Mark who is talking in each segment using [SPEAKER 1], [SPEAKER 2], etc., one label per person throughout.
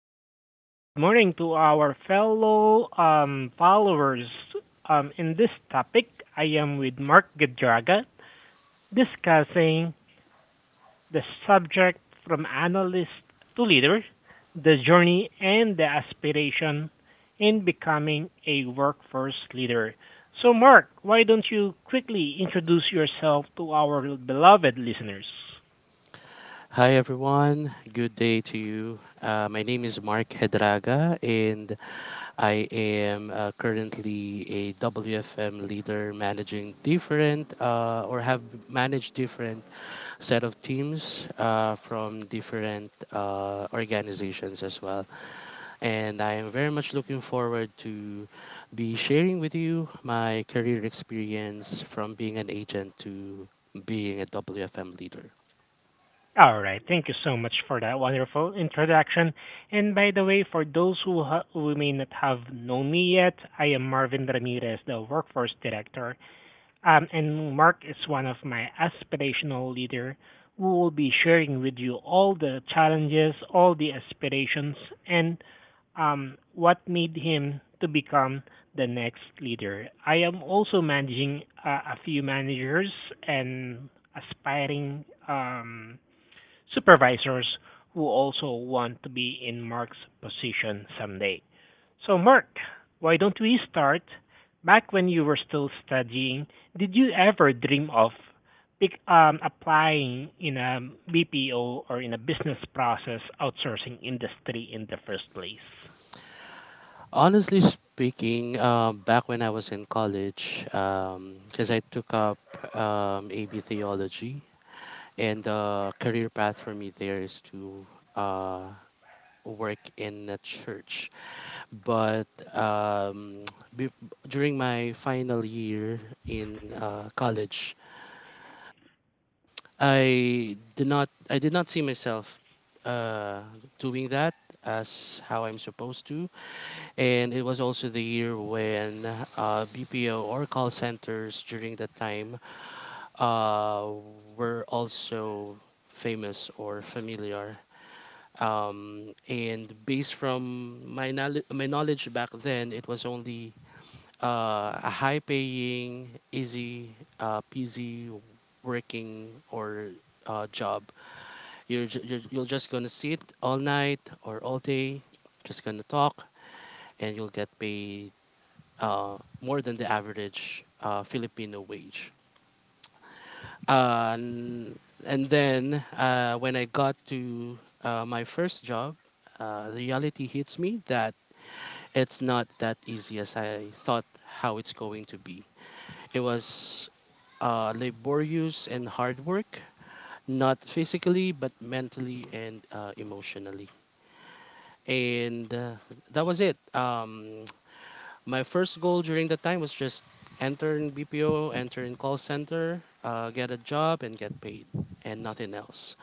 [SPEAKER 1] listeners, and good morning to our fellow followers. In this topic, I am with Mark Gadraga discussing the subject from analyst to leader, the journey and the aspiration in becoming a workforce leader. So, Mark, why don't you quickly introduce yourself to our beloved listeners?
[SPEAKER 2] Hi everyone, good day to you. My name is Mark Hedraga, and I am currently a WFM leader managing different or have managed different set of teams from different organizations as well. And I am very much looking forward to be sharing with you my career experience from being an agent to being a WFM leader.
[SPEAKER 1] All right. Thank you so much for that wonderful introduction. And by the way, for those who may not have known me yet, I am Marvin Ramirez, the Workforce Director. And Mark is one of my aspirational leader who will be sharing with you all the challenges, all the aspirations, and what made him to become the next leader. I am also managing a few managers and aspiring supervisors who also want to be in Mark's position someday. So, Mark, why don't we start? Back when you were still studying, did you ever dream of applying in a BPO or in a business process outsourcing industry in the first place?
[SPEAKER 2] Honestly speaking, back when I was in college, because I took up AB theology, and the career path for me there is to uh, work in a church. But um, be- during my final year in college, I did not see myself uh, doing that as how I'm supposed to. And it was also the year when BPO or call centers during that time uh, were also famous or familiar. And based from my knowledge back then, it was only a high paying, easy, peasy working or job. You're just going to sit all night or all day, just going to talk, and you'll get paid more than the average Filipino wage. Uh, n- and then when I got to my first job, the reality hits me that it's not that easy as I thought how it's going to be. It was laborious and hard work, not physically but mentally and emotionally. And that was it. My first goal during the time was just enter in BPO, enter in call center, get a job and get paid, and nothing else.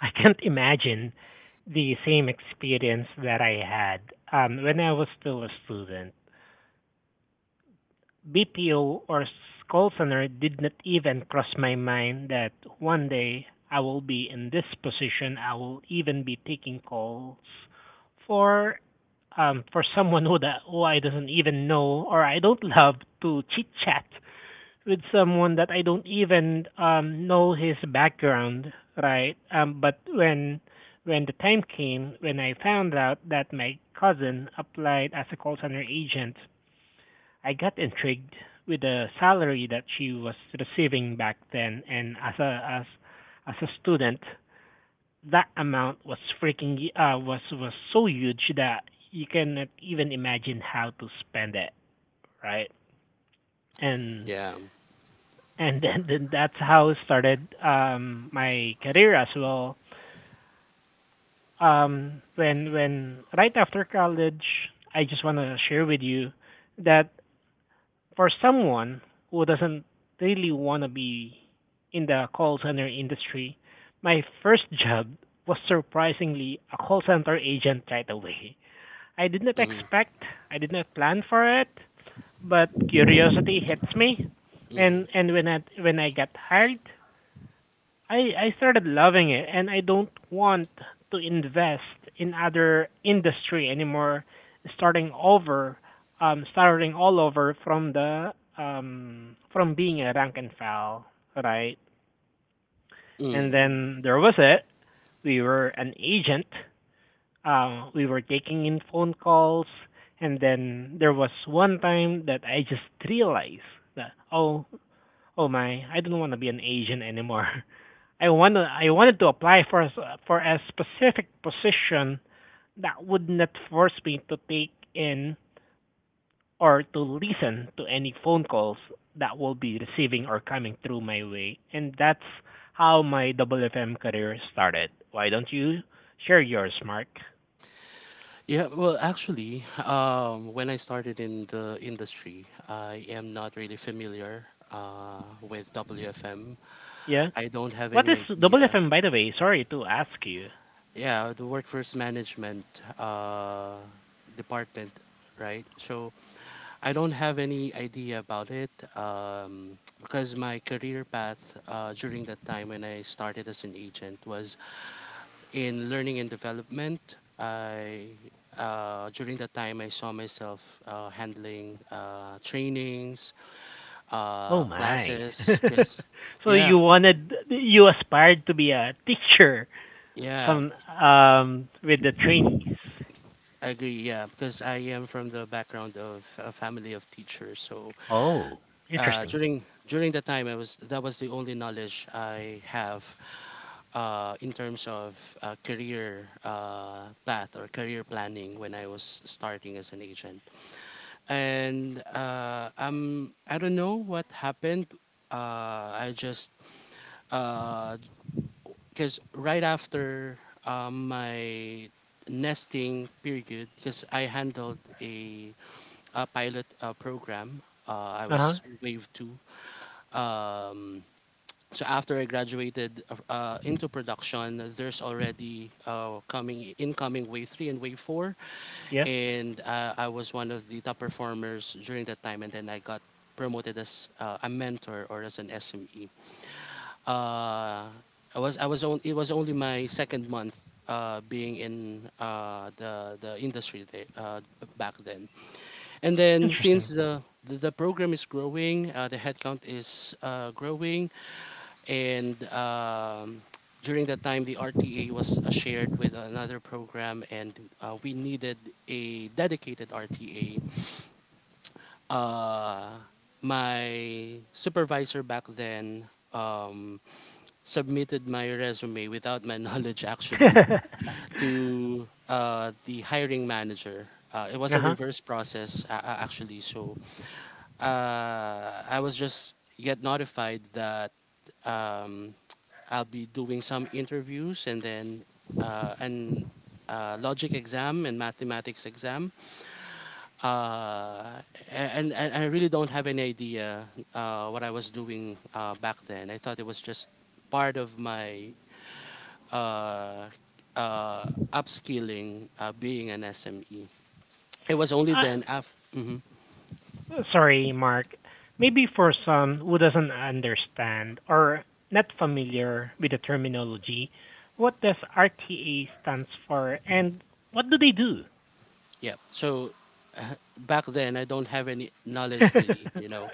[SPEAKER 1] I can't imagine the same experience that I had when I was still a student. BPO or call center did not even cross my mind that one day I will be in this position. I will even be taking calls for for someone who I doesn't even know or I don't love to chit chat with someone that I don't even know his background, right? But when the time came when I found out that my cousin applied as a call center agent, I got intrigued with the salary that she was receiving back then, and as a as a student, that amount was freaking was so huge that you cannot even imagine how to spend it, right? And
[SPEAKER 2] Yeah.
[SPEAKER 1] and then that's how it started my career as well. When right after college, I just want to share with you that for someone who doesn't really want to be in the call center industry, my first job was surprisingly a call center agent right away. I did not
[SPEAKER 2] Hmm.
[SPEAKER 1] expect, I did not plan for it, but curiosity hits me.
[SPEAKER 2] Hmm.
[SPEAKER 1] And when I got hired, I I started loving it and I don't want to invest in other industry anymore starting over starting all over from the from being a rank and file, right? And
[SPEAKER 2] Mm.
[SPEAKER 1] then there was it. We were an agent. We were taking in phone calls and then there was one time that I just realized that oh my, I don't want to be an agent anymore. I wanted to apply for for a specific position that would not force me to take in or to listen to any phone calls that will be receiving or coming through my way, and that's how my double FM career started. Why don't you share yours, Mark?
[SPEAKER 2] Yeah, well, actually, when I started in the industry, I am not really familiar with WFM.
[SPEAKER 1] Yeah.
[SPEAKER 2] I don't have
[SPEAKER 1] What
[SPEAKER 2] any
[SPEAKER 1] is double
[SPEAKER 2] idea.
[SPEAKER 1] FM, by the way? Sorry to ask you.
[SPEAKER 2] Yeah, the workforce management uh, department, right? So I don't have any idea about it because my career path during that time when I started as an agent was in learning and development. I during that time I saw myself handling trainings,
[SPEAKER 1] Oh my.
[SPEAKER 2] classes, because
[SPEAKER 1] So
[SPEAKER 2] yeah,
[SPEAKER 1] you wanted, you aspired to be a teacher.
[SPEAKER 2] yeah,
[SPEAKER 1] Some with the trainees.
[SPEAKER 2] I agree, yeah, because I am from the background of a family of teachers. So
[SPEAKER 1] Oh,
[SPEAKER 2] uh,
[SPEAKER 1] interesting.
[SPEAKER 2] during during that time, I was that was the only knowledge I have in terms of career path or career planning when I was starting as an agent. And I don't know what happened. I just because right after my nesting period, because I handled a pilot program. I
[SPEAKER 1] Uh huh.
[SPEAKER 2] was wave 2. Um, so after I graduated into production, there's already coming incoming wave 3 and wave 4,
[SPEAKER 1] Yeah.
[SPEAKER 2] and I was one of the top performers during that time. And then I got promoted as a mentor or as an SME. Uh, I was on, it was only my 2nd month being in the industry there, back then. And then since
[SPEAKER 1] Interesting.
[SPEAKER 2] the program is growing, the headcount is growing, and during that time, the RTA was shared with another program, and we needed a dedicated RTA. Uh, my supervisor back then um, submitted my resume without my knowledge, actually,
[SPEAKER 1] Uh-huh.
[SPEAKER 2] to the hiring manager. It was a reverse process, actually, so I was just get notified that um, I'll be doing some interviews and then and logic exam and mathematics exam. Uh, and I really don't have any idea what I was doing back then. I thought it was just part of my uh, uh, upskilling, being an SME. It was only
[SPEAKER 1] Uh,
[SPEAKER 2] then after. Mm-hmm.
[SPEAKER 1] Sorry, Mark. Maybe for some who doesn't understand or not familiar with the terminology, what does RTA stands for and what do they do?
[SPEAKER 2] Yeah. So uh, back then, I don't have any knowledge really. You know,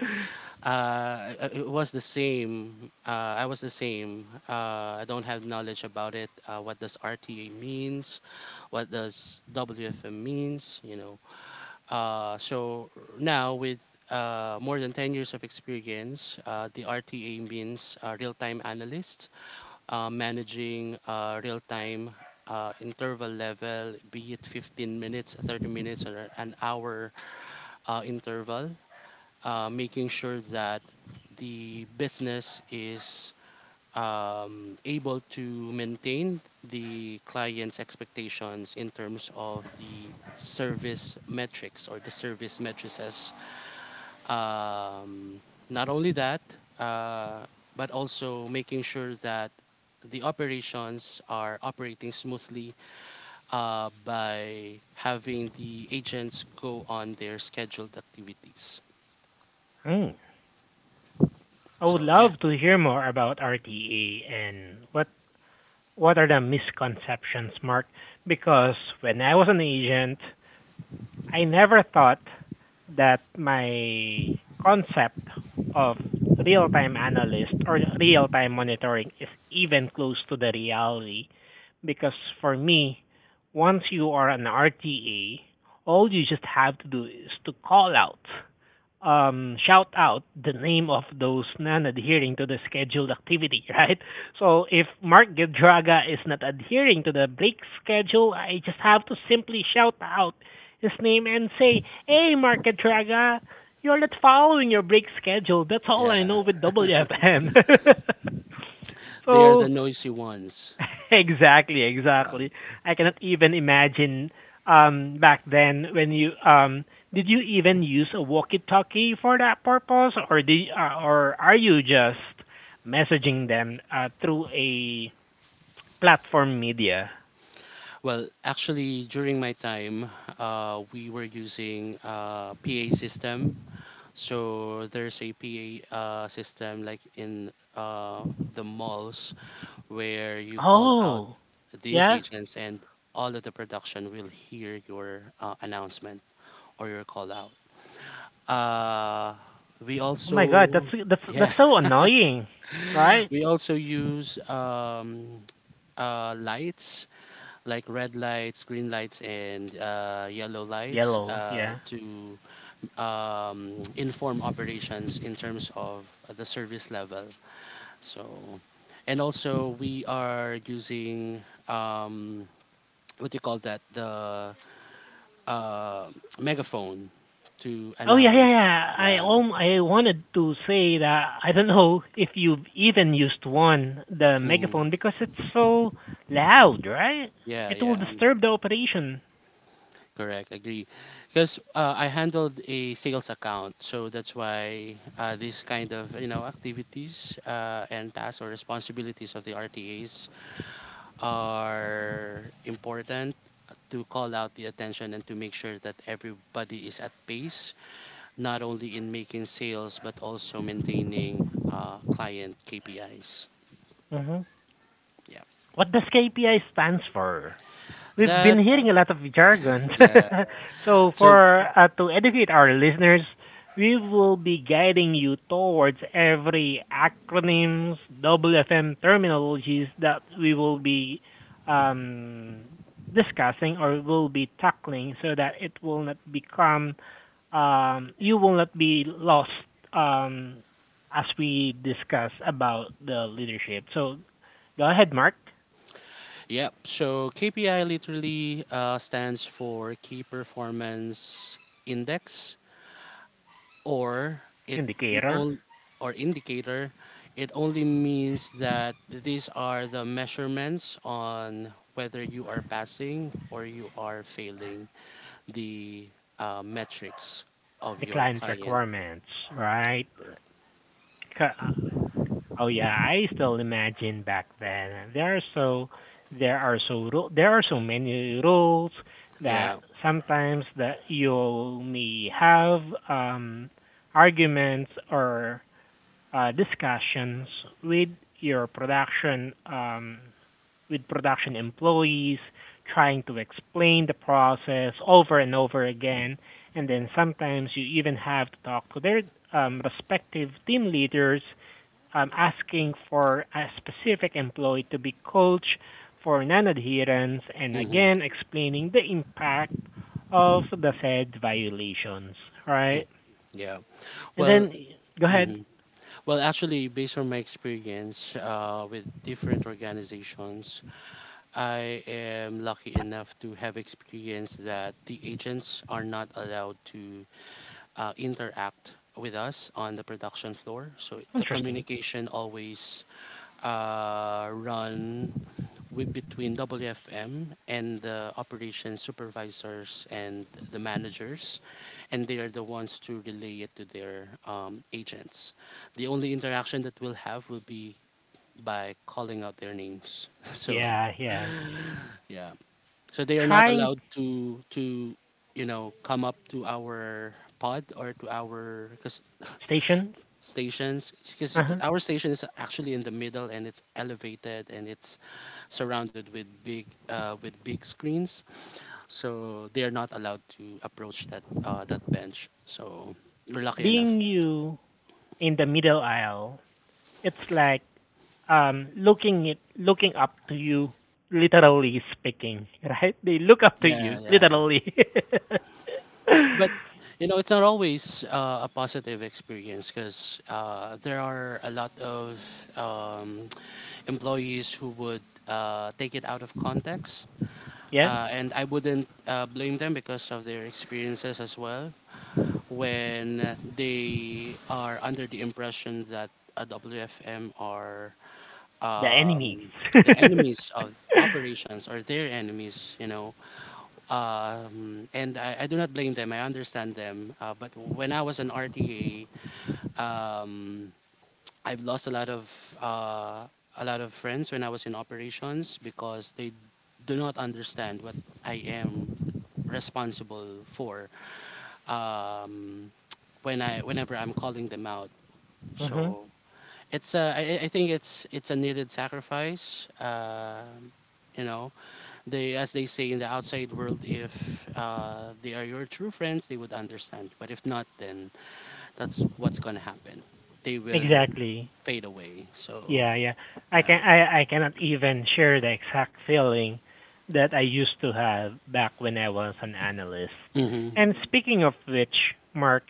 [SPEAKER 2] it was the same. I was the same. I don't have knowledge about it. What does RTA means? What does WFM means? You know. So now with more than 10 years of experience, the RTA means real-time analyst managing real time interval level, be it 15 minutes, 30 minutes, or an hour interval, making sure that the business is able to maintain the client's expectations in terms of the service metrics or the service matrices, um, not only that, uh, but also making sure that the operations are operating smoothly by having the agents go on their scheduled activities.
[SPEAKER 1] Hmm. I would
[SPEAKER 2] So yeah,
[SPEAKER 1] love to hear more about RTA and what are the misconceptions, Mark? Because when I was an agent, I never thought that my concept of real time analyst or real time monitoring is even close to the reality. Because for me, once you are an RTA, all you just have to do is to call out shout out the name of those non-adhering to the scheduled activity, right? So if Mark Gedraga is not adhering to the break schedule, I just have to simply shout out his name and say, "Hey, Mark Gedraga, you're not following your break schedule." That's all I
[SPEAKER 2] yeah,
[SPEAKER 1] know with WFM.
[SPEAKER 2] they are the
[SPEAKER 1] So
[SPEAKER 2] noisy ones.
[SPEAKER 1] exactly, exactly. I cannot even imagine back then when you did you even use a walkie-talkie for that purpose, or did or are you just messaging them through a platform media?
[SPEAKER 2] Well, actually, during my time, we were using P a PA system. So there's a PA system like in the malls where you call out
[SPEAKER 1] Oh,
[SPEAKER 2] these
[SPEAKER 1] yeah.
[SPEAKER 2] agents, and all of the production will hear your announcement or your call out. Uh, we
[SPEAKER 1] Oh my God, that's
[SPEAKER 2] also,
[SPEAKER 1] that's
[SPEAKER 2] yeah,
[SPEAKER 1] that's so annoying, right?
[SPEAKER 2] we also use lights like red lights, green lights, and yellow lights
[SPEAKER 1] Yellow, yeah.
[SPEAKER 2] to inform operations in terms of the service level. So, and also we are using um, what do you call that? The uh, megaphone to
[SPEAKER 1] Oh yeah, yeah,
[SPEAKER 2] announce.
[SPEAKER 1] yeah.
[SPEAKER 2] Yeah.
[SPEAKER 1] I wanted to say that I don't know if you've even used one, the megaphone,
[SPEAKER 2] Mm.
[SPEAKER 1] because it's so loud, right?
[SPEAKER 2] Yeah.
[SPEAKER 1] It will
[SPEAKER 2] Yeah.
[SPEAKER 1] disturb the operation.
[SPEAKER 2] Correct, agree. Because I handled a sales account, so that's why this kind of, you know, activities and tasks or responsibilities of the RTAs are important to call out the attention and to make sure that everybody is at pace, not only in making sales but also maintaining client KPIs.
[SPEAKER 1] Hmm.
[SPEAKER 2] Yeah,
[SPEAKER 1] What does KPI stands for? We've been
[SPEAKER 2] that
[SPEAKER 1] hearing a lot of jargon.
[SPEAKER 2] yeah.
[SPEAKER 1] So,
[SPEAKER 2] So
[SPEAKER 1] for to educate our listeners, we will be guiding you towards every acronyms, WFM terminologies that we will be um, discussing or will be tackling, so that it will not become you will not be lost um, as we discuss about the leadership. So, go ahead, Mark,
[SPEAKER 2] yep. So KPI literally stands for Key Performance Index, or it
[SPEAKER 1] indicator.
[SPEAKER 2] all or indicator. It only means that these are the measurements on whether you are passing or you are failing the metrics of
[SPEAKER 1] The
[SPEAKER 2] your
[SPEAKER 1] client
[SPEAKER 2] client.
[SPEAKER 1] requirements, right? Ca- Oh yeah, I still imagine back then there are so, there are so there are so many rules
[SPEAKER 2] Yeah.
[SPEAKER 1] that sometimes that you may have um arguments or discussions with your production with production employees, trying to explain the process over and over again. And then sometimes you even have to talk to their respective team leaders, asking for a specific employee to be coached for non adherence and
[SPEAKER 2] Hmm.
[SPEAKER 1] again explaining the impact of the said violations, right?
[SPEAKER 2] Yeah.
[SPEAKER 1] And
[SPEAKER 2] Well,
[SPEAKER 1] then go ahead.
[SPEAKER 2] mhm. Actually, based on my experience with different organizations, I am lucky enough to have experience that the agents are not allowed to interact with us on the production floor. So the
[SPEAKER 1] Interesting.
[SPEAKER 2] communication always run between WFM and the operation supervisors and the managers, and they are the ones to relay it to their agents. The only interaction that we'll have will be by calling out their names. So
[SPEAKER 1] Yeah, yeah.
[SPEAKER 2] yeah. So they are not
[SPEAKER 1] Trying
[SPEAKER 2] allowed to you know come up to our pod or to our cause
[SPEAKER 1] stations.
[SPEAKER 2] stations, because
[SPEAKER 1] Uh huh.
[SPEAKER 2] our station is actually in the middle and it's elevated and it's surrounded with big screens, so they are not allowed to approach that that bench, so we're lucky enough.
[SPEAKER 1] Being you in the middle aisle, it's like looking it, looking up to you, literally speaking, right? They look up to you,
[SPEAKER 2] Yeah, yeah.
[SPEAKER 1] literally.
[SPEAKER 2] But you know, it's not always a positive experience, because there are a lot of um, employees who would take it out of context,
[SPEAKER 1] Yeah,
[SPEAKER 2] and I wouldn't blame them because of their experiences as well, when they are under the impression that a WFM are
[SPEAKER 1] the enemies.
[SPEAKER 2] um, the enemies of operations or their enemies, you know. I do not blame them. I understand them. But when I was an RTA, um, I've lost a lot of friends when I was in operations because they do not understand what I am responsible for, um, whenever I'm calling them out.
[SPEAKER 1] Mhm.
[SPEAKER 2] So I think it's a needed sacrifice. You know, they as they say in the outside world, if they are your true friends, they would understand. But if not, then that's what's gonna happen. They will
[SPEAKER 1] Exactly.
[SPEAKER 2] fade away. So.
[SPEAKER 1] Yeah, yeah. I cannot even share the exact feeling that I used to have back when I was an analyst.
[SPEAKER 2] Mhm.
[SPEAKER 1] And speaking of which, Mark,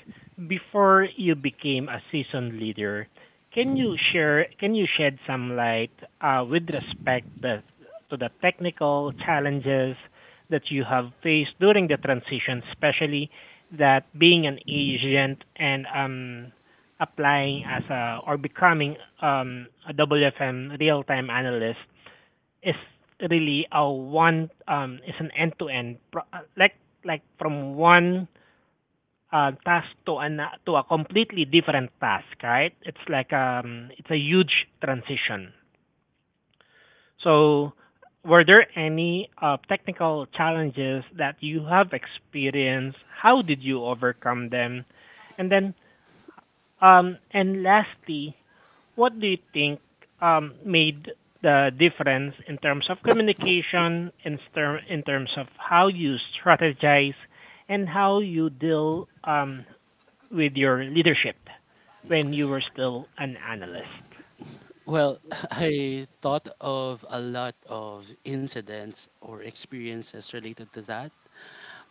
[SPEAKER 1] before you became a seasoned leader, can you shed some light with respect to the technical challenges that you have faced during the transition, especially that being an agent and applying as a or becoming a WFM real-time analyst is really a one is an like from one task to an to a completely different task, right? It's like it's a huge transition. So were there any technical challenges that you have experienced? How did you overcome them? And then um, and lastly, what do you think made the difference in terms of communication, in terms of how you strategize, and how you deal with your leadership when you were still an analyst?
[SPEAKER 2] Well, I thought of a lot of incidents or experiences related to that,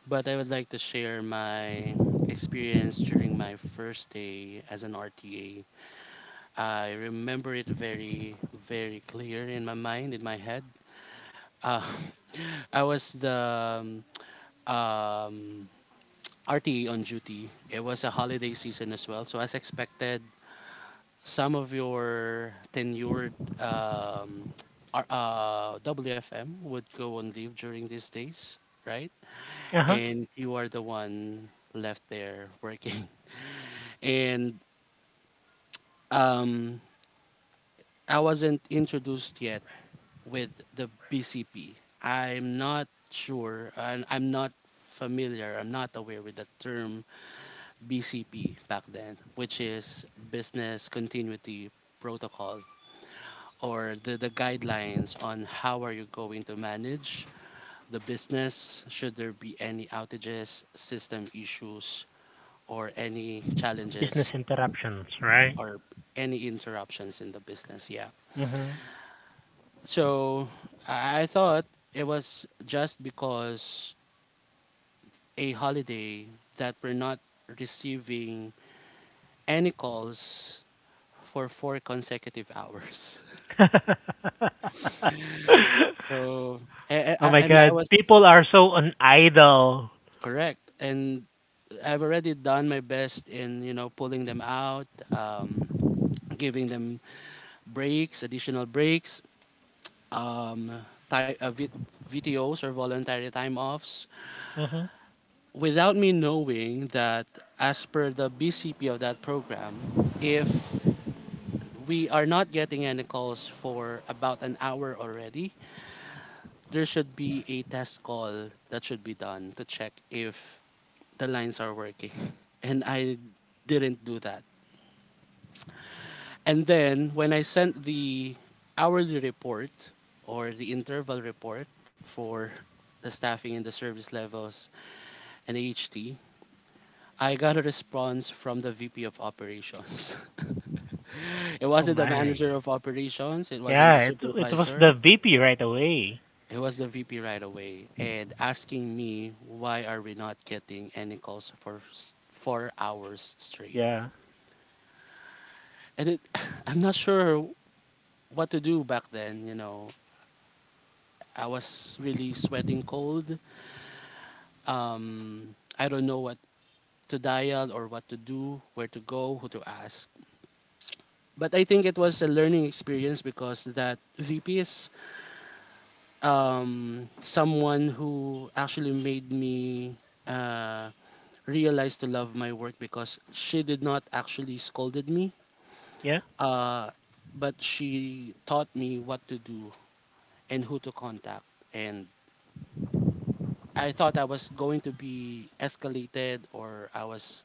[SPEAKER 2] but I would like to share my experience during my first day as an RTA. I remember it very, very clear in my mind, in my head. Uh, I was the um, um, RTE on duty. It was a holiday season as well, so as expected, some of your tenured um, WFM would go on leave during these days, right?
[SPEAKER 1] Uh huh.
[SPEAKER 2] And you are the one left there working. And um, I wasn't introduced yet with the BCP. I'm not sure, and I'm not familiar, I'm not aware with the term BCP back then, which is Business Continuity Protocol, or the guidelines on how are you going to manage the business should there be any outages, system issues, or any
[SPEAKER 1] Business
[SPEAKER 2] challenges
[SPEAKER 1] interruptions, right?
[SPEAKER 2] or any interruptions in the business. Yeah.
[SPEAKER 1] Mm-hmm.
[SPEAKER 2] So I thought it was just because a holiday that we're not receiving any calls for 4 consecutive hours. So
[SPEAKER 1] Oh my
[SPEAKER 2] and I
[SPEAKER 1] God,
[SPEAKER 2] was
[SPEAKER 1] people are so unidle.
[SPEAKER 2] correct, and I've already done my best in you know pulling them out, giving them breaks, additional breaks, um, ti- uh, v- VTOs or voluntary time offs,
[SPEAKER 1] Mm-hmm.
[SPEAKER 2] without me knowing that as per the BCP of that program, if we are not getting any calls for about an hour already, there should be a test call that should be done to check if the lines are working. And I didn't do that. And then when I sent the hourly report or the interval report for the staffing and the service levels and the HT, I got a response from the VP of operations. It
[SPEAKER 1] Oh
[SPEAKER 2] wasn't the manager
[SPEAKER 1] my.
[SPEAKER 2] of operations, it wasn't the
[SPEAKER 1] Yeah, it was
[SPEAKER 2] supervisor.
[SPEAKER 1] the VP right away.
[SPEAKER 2] It was the VP right away and asking me why are we not getting any calls for 4 hours straight.
[SPEAKER 1] Yeah.
[SPEAKER 2] And it I'm not sure what to do back then. I was really sweating cold. Um I don't know what to dial or what to do, where to go, who to ask. But I think it was a learning experience because that VP is someone who actually made me uh, realize to love my work because she did not actually scolded me,
[SPEAKER 1] Yeah.
[SPEAKER 2] uh, but she taught me what to do and who to contact. And I thought I was going to be escalated or I was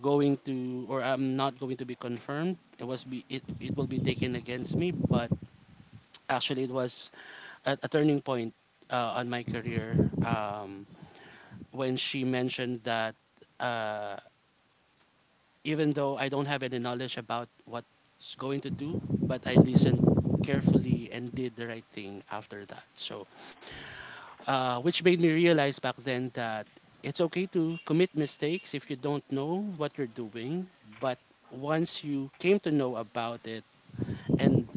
[SPEAKER 2] going to or I'm not going to be confirmed. It was be it will be taken against me, but actually it was a turning point on my career. Um, when she mentioned that uh, even though I don't have any knowledge about what's going to do, but I listened carefully and did the right thing after that. So, which made me realize back then that it's okay to commit mistakes if you don't know what you're doing, but once you came to know about it and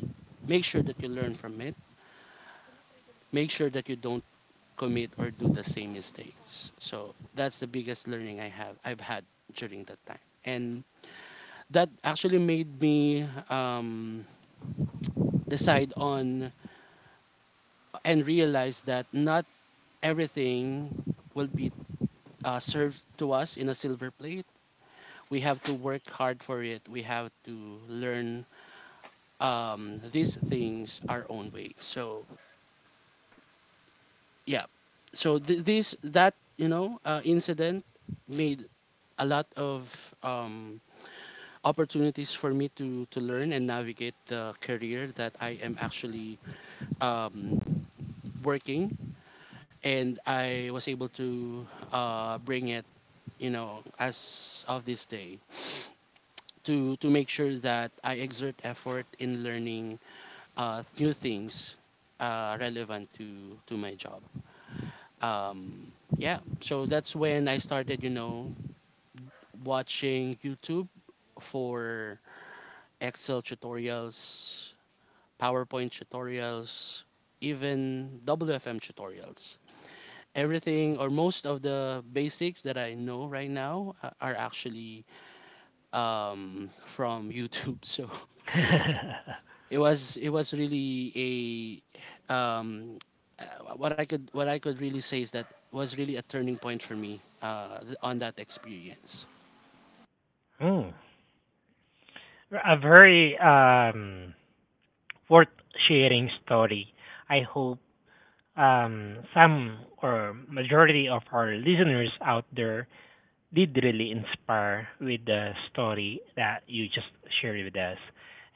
[SPEAKER 2] make sure that you learn from it, make sure that you don't commit or do the same mistakes. So that's the biggest learning I've had during that time. And that actually made me decide on and realize that not everything will be served to us in a silver plate. We have to work hard for it. We have to learn these things our own way. So yeah, so this that incident made a lot of opportunities for me to learn and navigate the career that I am actually um, working and I was able to bring it as of this day to make sure that I exert effort in learning new things relevant to my job, yeah, so that's when I started, watching YouTube for Excel tutorials, PowerPoint tutorials, even WFM tutorials. Everything or most of the basics that I know right now are actually from YouTube. So it was really a what I could really say is that was really a turning point for me on that experience.
[SPEAKER 1] Hmm, a very worth sharing story. I hope some or majority of our listeners out there did really inspire with the story that you just shared with us.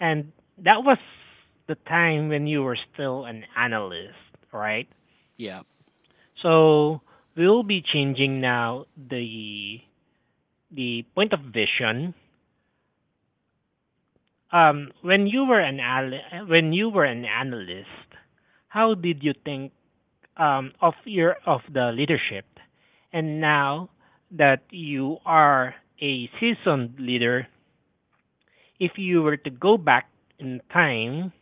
[SPEAKER 1] And that was the time when you were still an analyst, right?
[SPEAKER 2] Yeah,
[SPEAKER 1] So we'll be changing now the point of vision. When you were an analyst, how did you think of your of the leadership? And now that you are a seasoned leader, if you were to go back in time,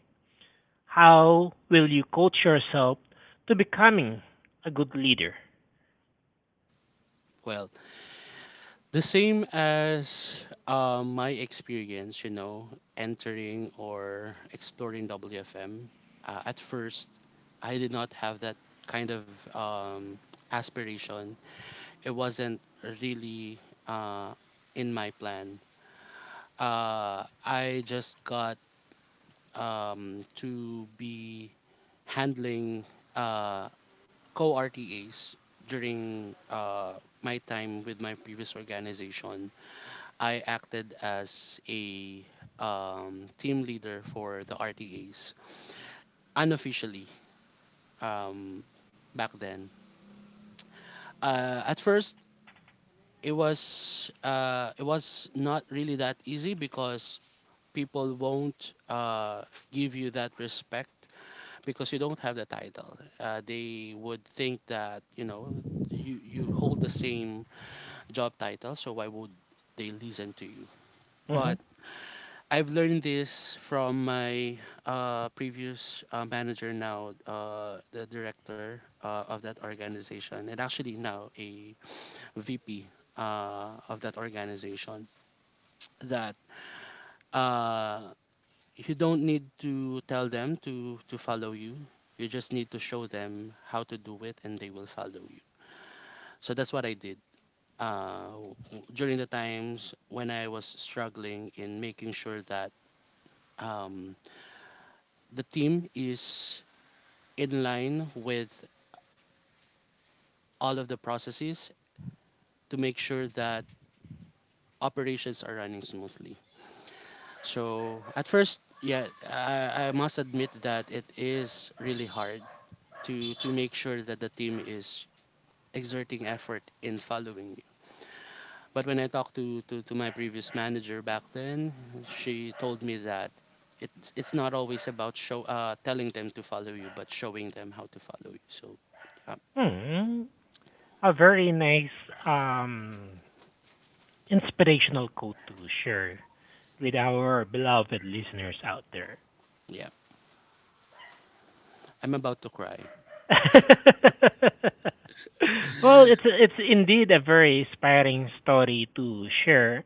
[SPEAKER 1] how will you coach yourself to becoming a good leader?
[SPEAKER 2] well, the same as my experience, you know, entering or exploring WFM. At first, I did not have that kind of um, aspiration. It wasn't really uh, in my plan. I just got to be handling uh, co RTAs during my time with my previous organization. I acted as a team leader for the RTAs unofficially um, back then. At first, it was it was not really that easy because people won't give you that respect because you don't have the title. They would think that you hold the same job title, so why would they listen to you?
[SPEAKER 1] Hmm.
[SPEAKER 2] But I've learned this from my previous manager now, the director of that organization, and actually now a VP of that organization, that uh, you don't need to tell them to follow you. You just need to show them how to do it, and they will follow you. So that's what I did uh, w- during the times when I was struggling in making sure that um, the team is in line with all of the processes to make sure that operations are running smoothly. So at first, yeah, I must admit that it is really hard to make sure that the team is exerting effort in following you. But when I talked to my previous manager back then, she told me that it's not always about show telling them to follow you, but showing them how to follow you. So, yeah,
[SPEAKER 1] Hmm. A very nice um, inspirational quote to share with our beloved listeners out there.
[SPEAKER 2] yeah. I'm about to cry.
[SPEAKER 1] Well, it's indeed a very inspiring story to share.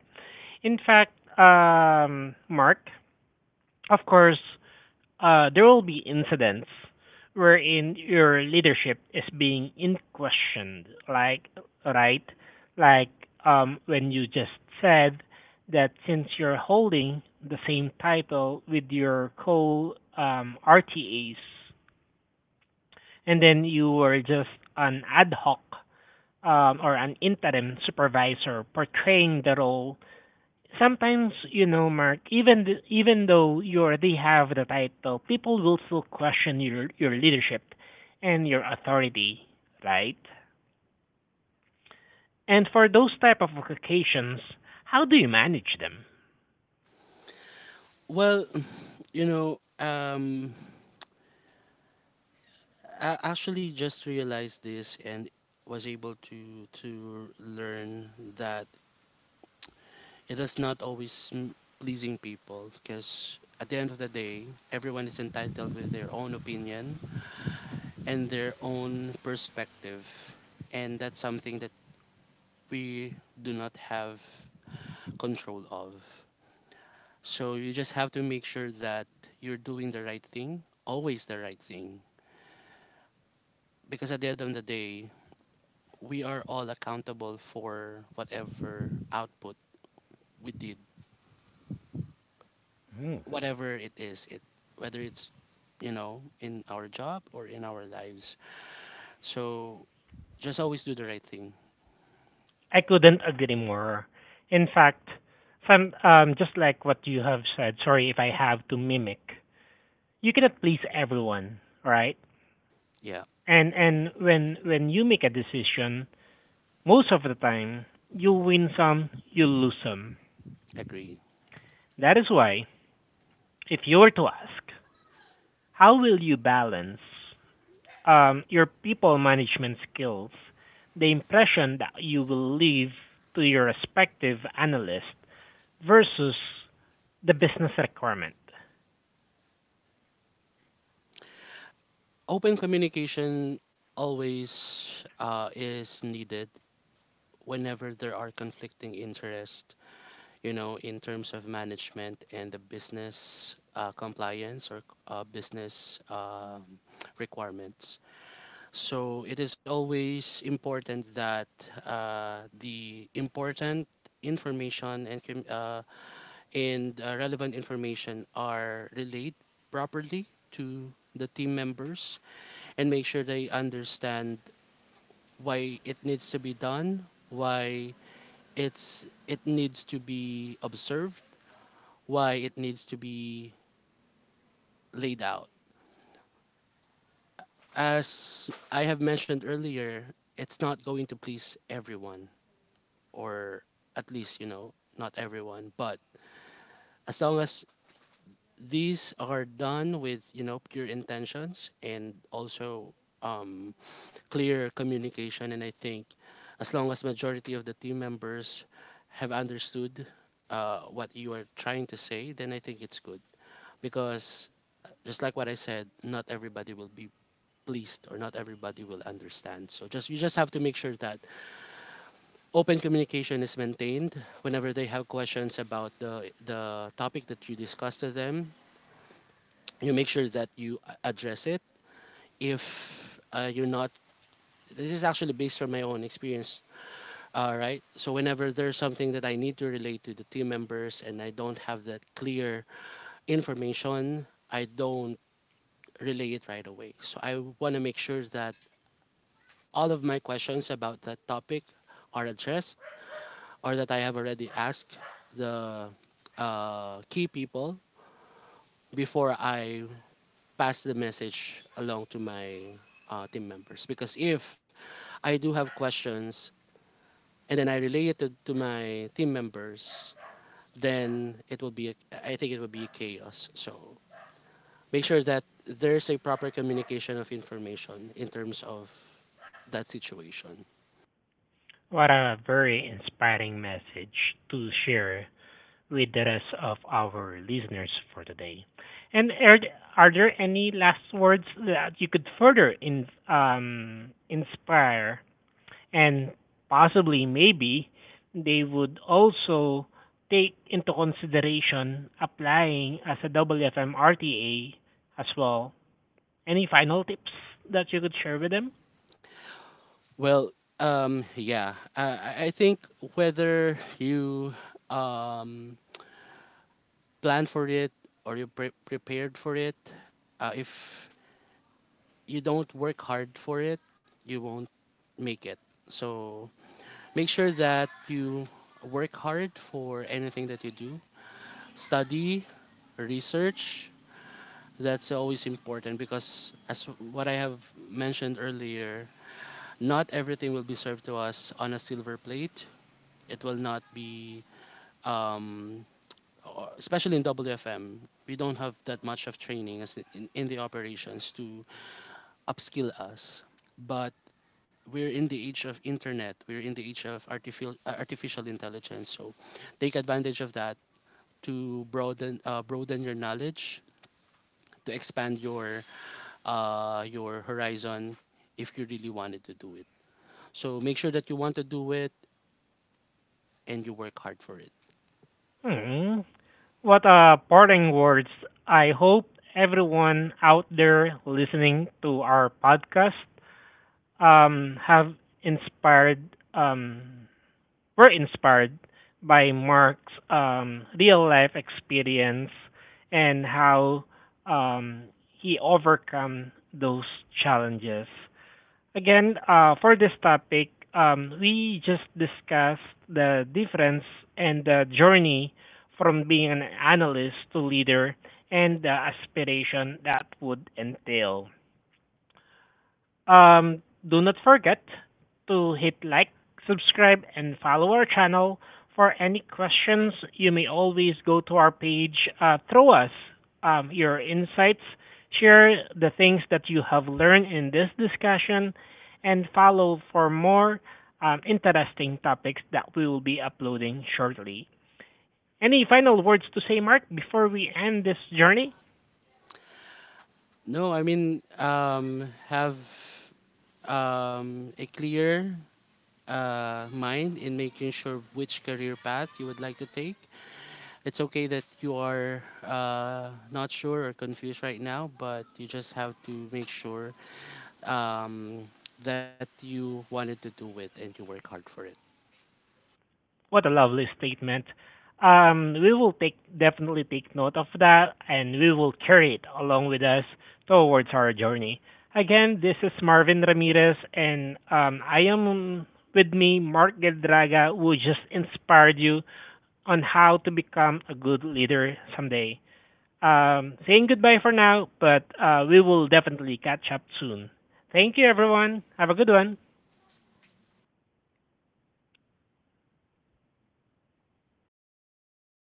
[SPEAKER 1] In fact, Mark, of course, there will be incidents wherein your leadership is being in questioned, like right, like when you just said that since you're holding the same title with your co RTAs. And then you were just an ad hoc or an interim supervisor portraying the role. Sometimes, you know, Mark, even though you already have the title, people will still question your leadership and your authority, right? And for those type of occasions, how do you manage them?
[SPEAKER 2] Well, you know, um, I actually just realized this and was able to learn that it is not always pleasing people because at the end of the day, everyone is entitled with their own opinion and their own perspective, and that's something that we do not have control of. So you just have to make sure that you're doing the right thing, always the right thing because at the end of the day, we are all accountable for whatever output we did, whatever it is, it whether it's in our job or in our lives. So just always do the right thing.
[SPEAKER 1] I couldn't agree more. In fact, some just like what you have said. Sorry if I have to mimic. You cannot please everyone, right?
[SPEAKER 2] Yeah,
[SPEAKER 1] And when you make a decision, most of the time you win some, you lose some.
[SPEAKER 2] agree.
[SPEAKER 1] That is why if you were to ask, how will you balance your people management skills, the impression that you will leave to your respective analyst versus the business requirement?
[SPEAKER 2] Open communication always is needed whenever there are conflicting interests. You know, in terms of management and the business compliance or business requirements. So it is always important that the important information and relevant information are relayed properly to the team members and make sure they understand why it needs to be done, why it needs to be observed, why it needs to be laid out. As I have mentioned earlier, it's not going to please everyone. Or at least not everyone, but as long as these are done with pure intentions and also um, clear communication, and I think as long as majority of the team members have understood what you are trying to say, then I think it's good because, just like what I said, not everybody will be pleased or not everybody will understand, so just you just have to make sure that open communication is maintained whenever they have questions about the topic that you discuss to them. You make sure that you address it if you're not this is actually based on my own experience, right? So whenever there's something that I need to relate to the team members and I don't have that clear information, I don't relay it right away, so I want to make sure that all of my questions about that topic are addressed or that I have already asked the key people before I pass the message along to my team members. Because if I do have questions and then I relay it to my team members, then it will be, I think it will be chaos. So make sure that there's a proper communication of information in terms of that situation.
[SPEAKER 1] What a very inspiring message to share with the rest of our listeners for today. And are, are there any last words that you could further inspire and possibly maybe they would also take into consideration applying as a WFM as well? Any final tips that you could share with them?
[SPEAKER 2] Well, yeah, I think whether you um, plan for it or you prepared for it, if you don't work hard for it, you won't make it. So make sure that you work hard for anything that you do, study, research, that's always important because as what I have mentioned earlier, not everything will be served to us on a silver plate. It will not be, um, especially in WFM, we don't have that much of training as in the operations to upskill us. But we're in the age of internet. We're in the age of artificial intelligence. So take advantage of that to broaden your knowledge to expand your horizon if you really wanted to do it. So make sure that you want to do it and you work hard for it.
[SPEAKER 1] Hmm. What a parting words. I hope everyone out there listening to our podcast have inspired um were inspired by Mark's real life experience and how um he overcome those challenges. Again, for this topic, we just discussed the difference and the journey from being an analyst to leader and the aspiration that would entail. Do not forget to hit like, subscribe, and follow our channel. For any questions, you may always go to our page, throw us your insights, share the things that you have learned in this discussion, and follow for more interesting topics that we will be uploading shortly. Any final words to say, Mark, before we end this journey?
[SPEAKER 2] No, I mean have a clear mind in making sure which career path you would like to take. It's okay that you are not sure or confused right now, but you just have to make sure um, that you wanted to do it and you work hard for it.
[SPEAKER 1] What a lovely statement. We will take definitely take note of that, and we will carry it along with us towards our journey. Again, this is Marvin Ramirez, and I am with me Mark Geldraga, who just inspired you on how to become a good leader someday. Saying goodbye for now, but we will definitely catch up soon. Thank you, everyone. Have a good one.